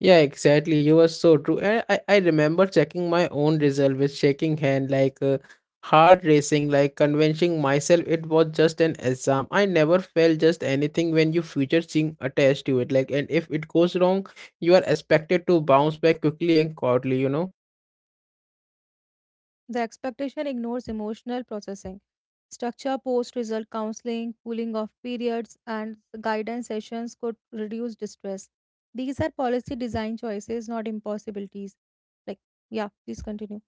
Yeah, exactly. You were so true. And I remember checking my own result with shaking hand, hard racing, like convincing myself it was just an exam. I never felt just anything when you future seem attached to it. Like, and if it goes wrong, you are expected to bounce back quickly and quietly, you know? the expectation ignores emotional processing. Structure post-result counseling, cooling off periods, and guidance sessions could reduce distress. These are policy design choices, not impossibilities. Like, yeah, please continue.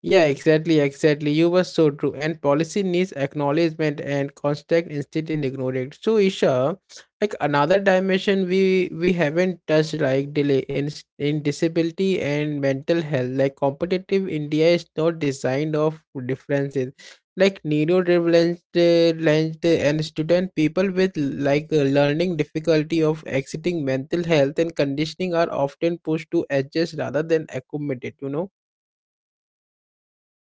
Yeah, exactly, exactly. You were so true. And policy needs acknowledgement and constant instead in ignored. So Isha, like another dimension we haven't touched, like delay in in disability and mental health. Like competitive India is not designed of differences. Like neurodivergent lent- and student people with learning difficulty of exiting mental health and conditioning are often pushed to adjust rather than accommodate. You know.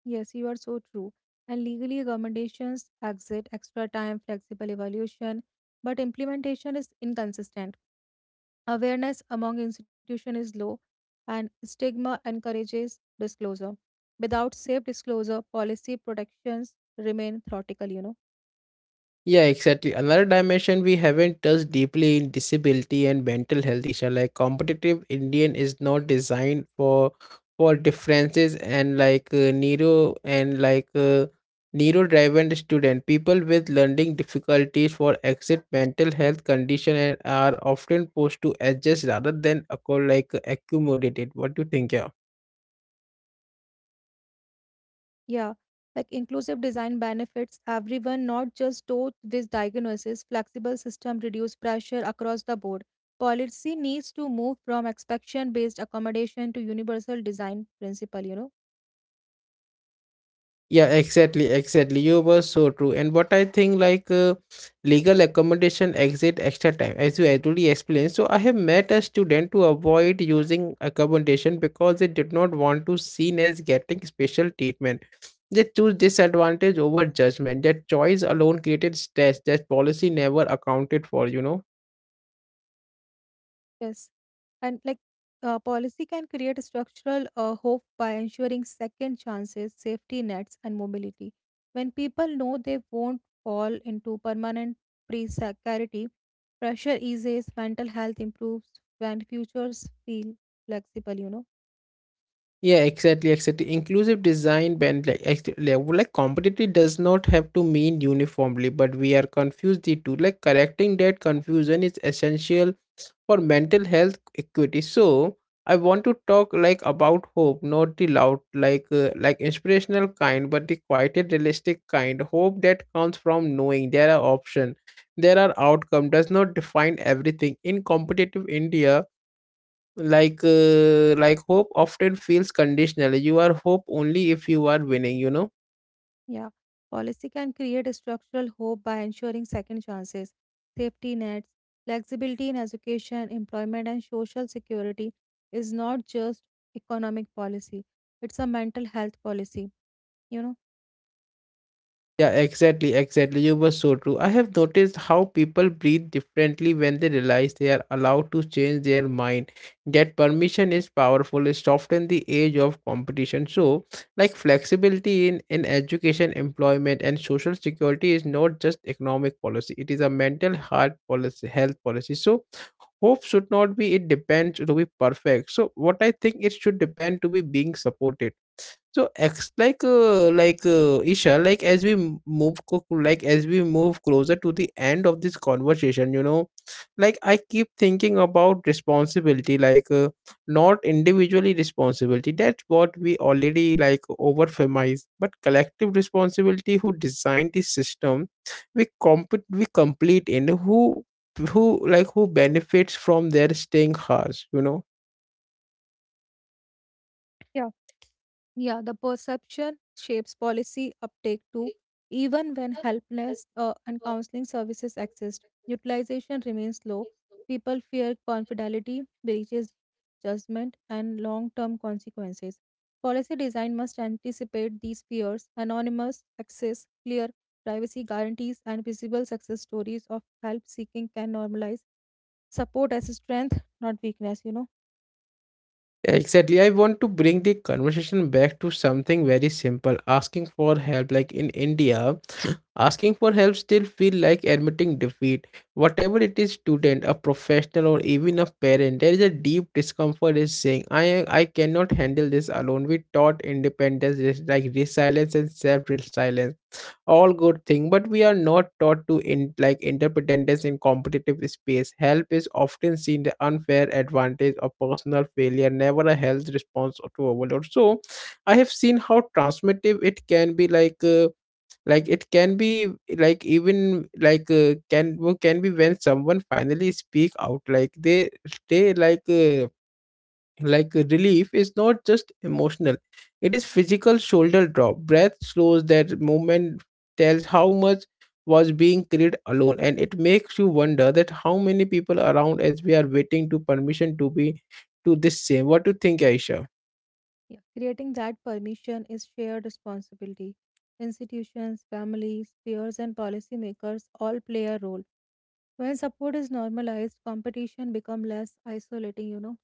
Yes, you are so true. And legally, accommodations, exit, extra time, flexible evaluation, but implementation is inconsistent. Awareness among institutions is low, and stigma encourages disclosure. Without safe disclosure, policy protections remain theoretical. Yeah, exactly. Another dimension we haven't touched deeply in disability and mental health issue. Like competitive Indian is not designed for differences and like neuro driven student. People with learning difficulties for exit mental health condition and are often pushed to adjust rather than accommodated. What do you think? Yeah. Yeah, like inclusive design benefits everyone, not just those with diagnosis. Flexible system reduce pressure across the board. Policy needs to move from expectation based accommodation to universal design principle. Yeah, exactly, exactly. You were so true. And what I think, legal accommodation exit extra time, as you already explained. So I have met a student to avoid using accommodation because they did not want to seen as getting special treatment. They choose disadvantage over judgment. That choice alone created stress that policy never accounted for. You know. Yes. And policy can create structural hope by ensuring second chances, safety nets, and mobility. When people know they won't fall into permanent precarity, pressure eases, mental health improves, and futures feel flexible. Yeah, exactly, exactly. Inclusive design band like, competitively does not have to mean uniformly, but we are confused the two. Like correcting that confusion is essential for mental health equity. So I want to talk like about hope, not the loud like inspirational kind, but the quieted realistic kind. Hope that comes from knowing there are options, there are outcome does not define everything in competitive India. Like, like hope often feels conditional. You are hope only if you are winning. You know. Yeah, policy can create a structural hope by ensuring second chances, safety nets, flexibility in education, employment, and social security is not just economic policy, it's a mental health policy, you know? Yeah, exactly, exactly. You were so true. I have noticed how people breathe differently when they realize they are allowed to change their mind. That permission is powerful. It softens the age of competition. So like flexibility in education, employment, and social security is not just economic policy. It is a mental heart policy, health policy. So hope should not be it depends to be perfect. So what I think, it should depend to be being supported. So ex like Isha, like as we m- move co- like as we move closer to the end of this conversation, you know, like I keep thinking about responsibility, not individually responsibility. That's what we already like overfemize, but collective responsibility. Who designed the system? We complete in who who benefits from their staying harsh, you know. Yeah, the perception shapes policy uptake too, even when helpless and counseling services exist. Utilization remains low. People fear confidentiality breaches judgment, and long term consequences. Policy design must anticipate these fears. Anonymous access, clear privacy guarantees, and visible success stories of help seeking can normalize support as a strength, not weakness. Yeah, exactly. I want to bring the conversation back to something very simple: asking for help. Like in India, asking for help still feel like admitting defeat. Whatever it is, student, a professional, or even a parent, there is a deep discomfort in saying, I cannot handle this alone. We taught independence, like resilience and self-reliance, all good thing, but we are not taught to in like interdependence. In competitive space, help is often seen the unfair advantage of personal failure, never a health response to overload. So I have seen how transformative it can be, like it can be like even like can be when someone finally speak out, like they like relief is not just emotional, it is physical. Shoulder drop, breath slows, that movement tells how much was being carried alone. And it makes you wonder that how many people around as we are waiting to permission to be to this same. What do you think, Aisha? Yeah, creating that permission is shared responsibility. Institutions, families, peers, and policymakers all play a role. When support is normalized, competition becomes less isolating.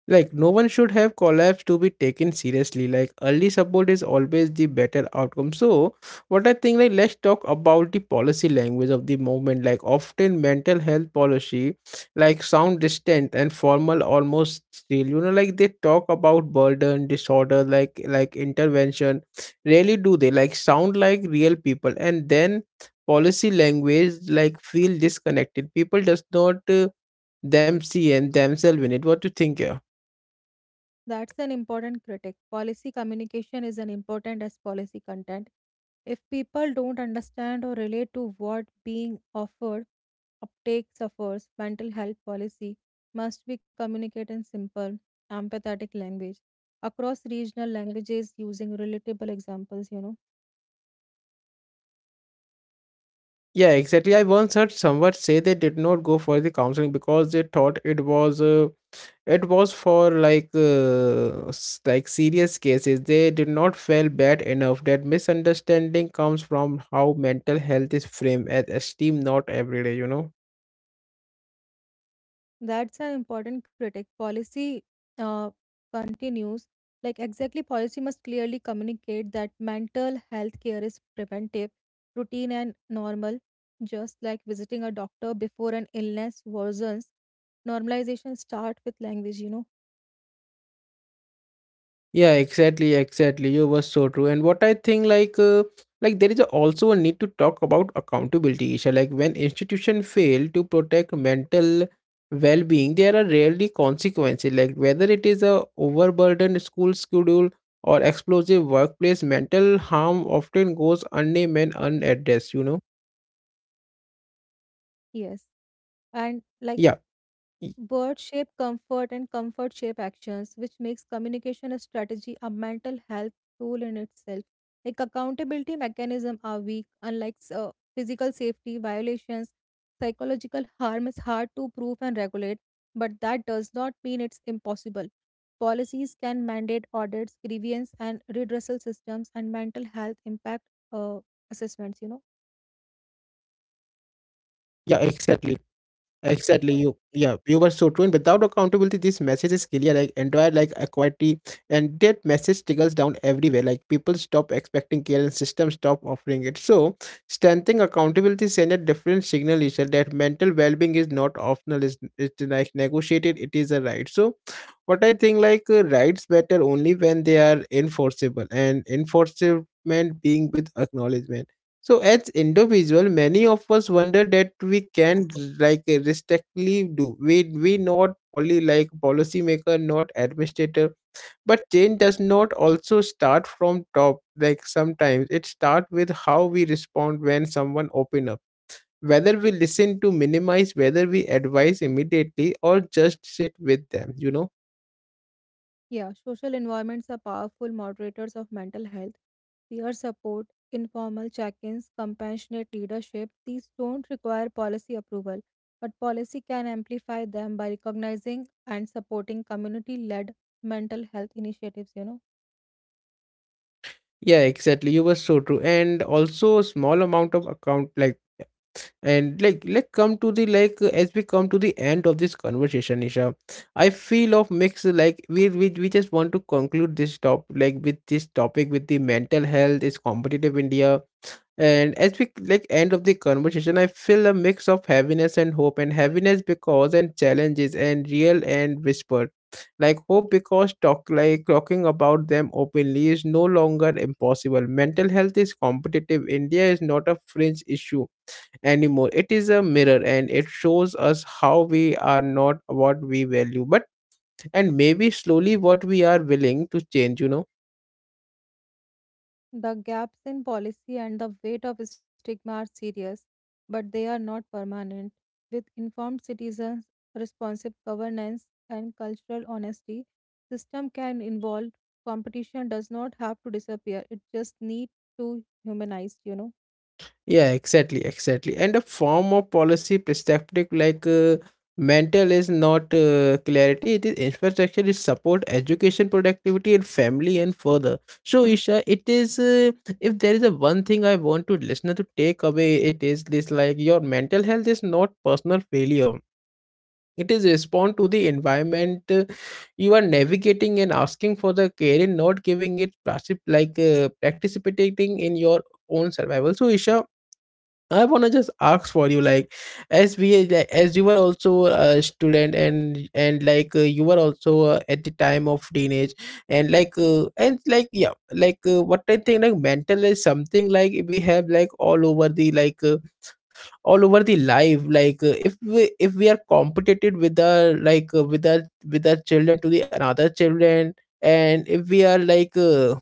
Like no one should have collapsed to be taken seriously. Like early support is always the better outcome. So what I think, like let's talk about the policy language of the movement. Like often mental health policy like sound distant and formal almost still. You know, like they talk about burden, disorder, like intervention. Rarely do they like sound like real people, and then policy language like feel disconnected. People does not them see and themselves in it. What do you think? That's an important critic. Policy communication is an important as policy content. If people don't understand or relate to what being offered, uptake suffers. Mental health policy must be communicated in simple, empathetic language across regional languages using relatable examples. Yeah, exactly. I once heard someone say they did not go for the counseling because they thought it was for like serious cases. They did not feel bad enough. That misunderstanding comes from how mental health is framed as esteem, not every day. You know. That's an important critic. Policy uh, continues like exactly policy must clearly communicate that mental health care is preventive, routine and normal, just like visiting a doctor before an illness worsens. Normalization start with language. Yeah, exactly. You were so true. And what I think, like there is also a need to talk about accountability, Isha. Like when institution fail to protect mental well-being, there are rarely consequences. Like whether it is a overburdened school schedule or explosive workplace, mental harm often goes unnamed and unaddressed. You know? Yes, and like Yeah, y- Bird shape comfort and comfort shape actions, which makes communication a strategy, a mental health tool in itself. Like accountability mechanism are weak, unlike physical safety violations. Psychological harm is hard to prove and regulate, but that does not mean it's impossible. Policies can mandate audits, grievance and redressal systems, and mental health impact uh, yeah, assessments. You exactly. know. Exactly, you were so true. And without accountability, this message is clear, like entire like equity, and that message trickles down everywhere. Like people stop expecting care, and systems stop offering it. So, strengthening accountability sends a different signal, is that mental well-being is not optional. It's like negotiated. It is a right. So, what I think, rights matter only when they are enforceable, and enforcement being with acknowledgement. So as individual, many of us wonder that we can like restrictively do. We not only like policymaker, not administrator. But change does not also start from top. Like sometimes it starts with how we respond when someone open up. Whether we listen to minimize, whether we advise immediately or just sit with them, you know. Yeah, social environments are powerful moderators of mental health. Peer support, informal check ins, compassionate leadership, these don't require policy approval, but policy can amplify them by recognizing and supporting community led mental health initiatives. Yeah, exactly. You were so true. And also a small amount of account like. And come to the like as we come to the end of this conversation, Isha, I feel of mix like we just want to conclude this top like with this topic with the mental health is competitive India. And as we like end of the conversation, I feel a mix of happiness and hope and happiness because and challenges and real and whispered. Like hope because talk like talking about them openly is no longer impossible. Mental health is competitive. India is not a fringe issue anymore. It is a mirror, and it shows us how we are not what we value, but and maybe slowly what we are willing to change, you know. The gaps in policy and the weight of stigma are serious, but they are not permanent. With informed citizens, responsive governance, and cultural honesty, system can evolve. Competition does not have to disappear. It just needs to humanized. Yeah, exactly. And a form of policy perspective mental is not clarity, it is infrastructure, is support, education, productivity, and family, and further. So, Isha, it is if there is a one thing I want to listener to take away, it is this, like your mental health is not personal failure. It is respond to the environment you are navigating, and asking for the care and not giving it plastic participating in your own survival. So Isha, I wanna just ask for you, like as we like, as you were also a student, and you were also at the time of teenage, and what I think, like mental is something like we have like all over the like. All over the life, like if we are competitive with our like with our children to the another children, and if we are like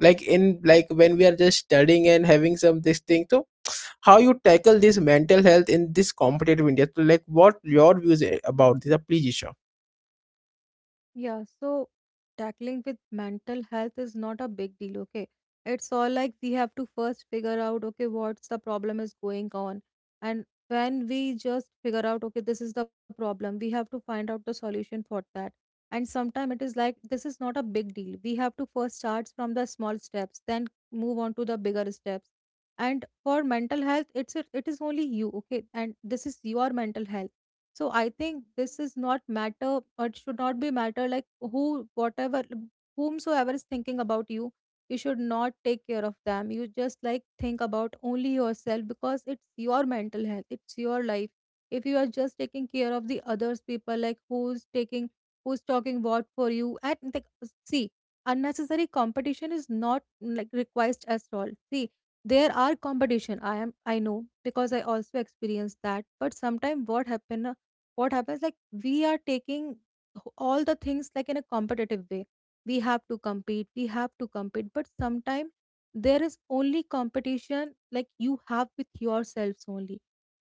like in like when we are just studying and having some this thing. So how you tackle this mental health in this competitive India? So like what your views are about this, please. Yeah, so tackling with mental health is not a big deal, okay? It's all like we have to first figure out, okay, what's the problem is going on. And when we just figure out, okay, this is the problem, we have to find out the solution for that. And sometimes it is like this is not a big deal. We have to first start from the small steps, then move on to the bigger steps. And for mental health, it's it is only you, okay? And this is your mental health, so I think this is not matter or it should not be matter like who whatever whomsoever is thinking about you, you should not take care of them. You just like think about only yourself because it's your mental health, it's your life. If you are just taking care of the others people like who's taking who's talking what for you and like, see, unnecessary competition is not like request at all. See, there are competition, I know because I also experienced that. But sometimes what happen, what happens like we are taking all the things like in a competitive way, we have to compete, but sometimes there is only competition like you have with yourselves only.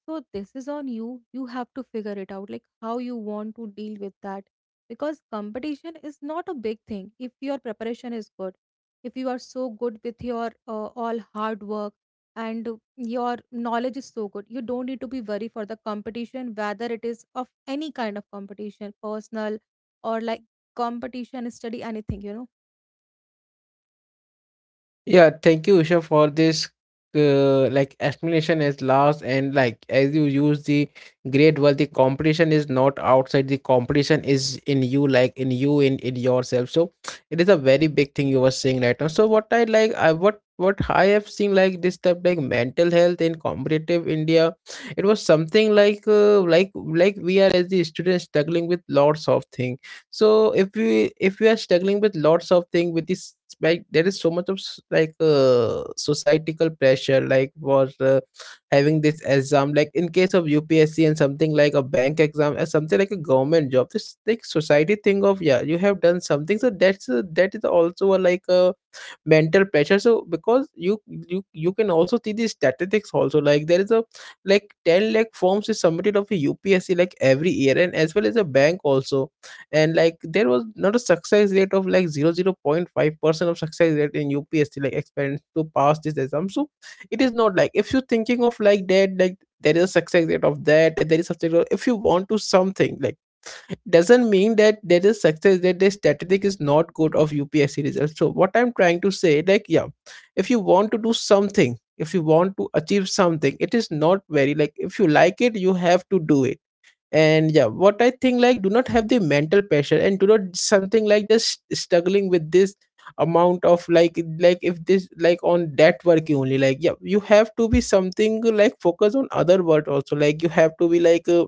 So this is on you. You have to figure it out like how you want to deal with that, because competition is not a big thing if your preparation is good, if you are so good with your all hard work and your knowledge is so good, you don't need to be worried for the competition, whether it is of any kind of competition, personal or like competition, study, anything, you know. Yeah, thank you, Usha, for this like explanation as last, and like as you use the great word, the competition is not outside, the competition is in you, like in you, in yourself. So it is a very big thing you were saying right now. So what I have seen like this type like mental health in competitive India, it was something like we are as the students struggling with lots of things. So if we are struggling with lots of things with this, like there is so much of societal pressure like for having this exam, like in case of UPSC, and something like a bank exam or something like a government job, this like society thing of yeah you have done something, so that is also a like a mental pressure. So because you can also see the statistics also, like there is a like 10 lakh forms is submitted of a UPSC, like every year, and as well as a bank also. And like there was not a success rate of like 0.0 5% of success rate in UPSC like experience to pass this exam. So it is not like if you're thinking of like that, like there is a success rate of that, and there is success rate if you want to something like doesn't mean that there is success that the statistic is not good of UPSC results. So what I'm trying to say, like yeah, if you want to do something, if you want to achieve something, it is not very like if you like it you have to do it. And yeah, what I think, like do not have the mental pressure, and do not something like just struggling with this amount of like if this like on that work only, like yeah, you have to be something like focus on other work also. Like you have to be like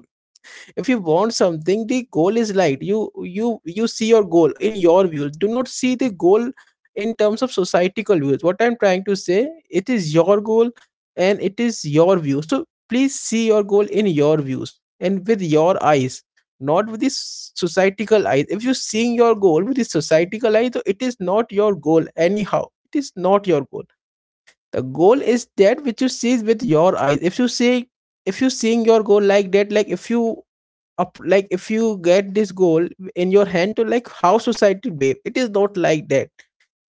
if you want something, the goal is light. You see your goal in your views, do not see the goal in terms of societal views. What I'm trying to say, it is your goal, and it is your view. So please see your goal in your views and with your eyes, not with the societal eyes. If you're seeing your goal with the societal eyes, so it is not your goal anyhow. It is not your goal. The goal is that which you see with your eyes. If you see, if you seeing your goal like that, like if you up like if you get this goal in your hand to like how society babe, it is not like that.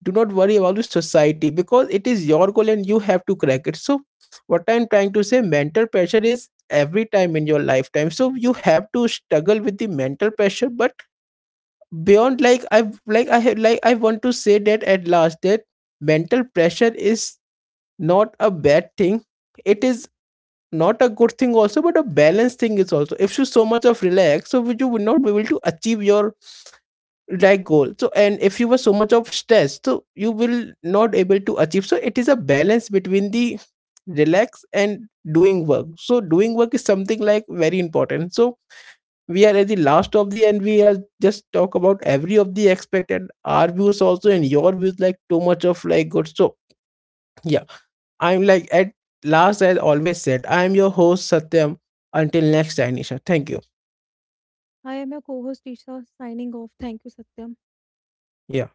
Do not worry about the society because it is your goal and you have to crack it. So what I'm trying to say, mental pressure is every time in your lifetime, so you have to struggle with the mental pressure. But beyond like I have like I want to say that at last, that mental pressure is not a bad thing. It is not a good thing also, but a balanced thing is also. If you so much of relax, so you will not be able to achieve your like goal. So and if you were so much of stress, so you will not able to achieve. So it is a balance between the relax and doing work. So doing work is something like very important. So we are at the last of the, and we are just talk about every of the expected our views also, and your views like too much of like good. So yeah, I'm like at last, as always said, I'm your host Satyam. Until next time, Nisha. Thank you. I am your co host, Isha, signing off. Thank you, Satyam. Yeah.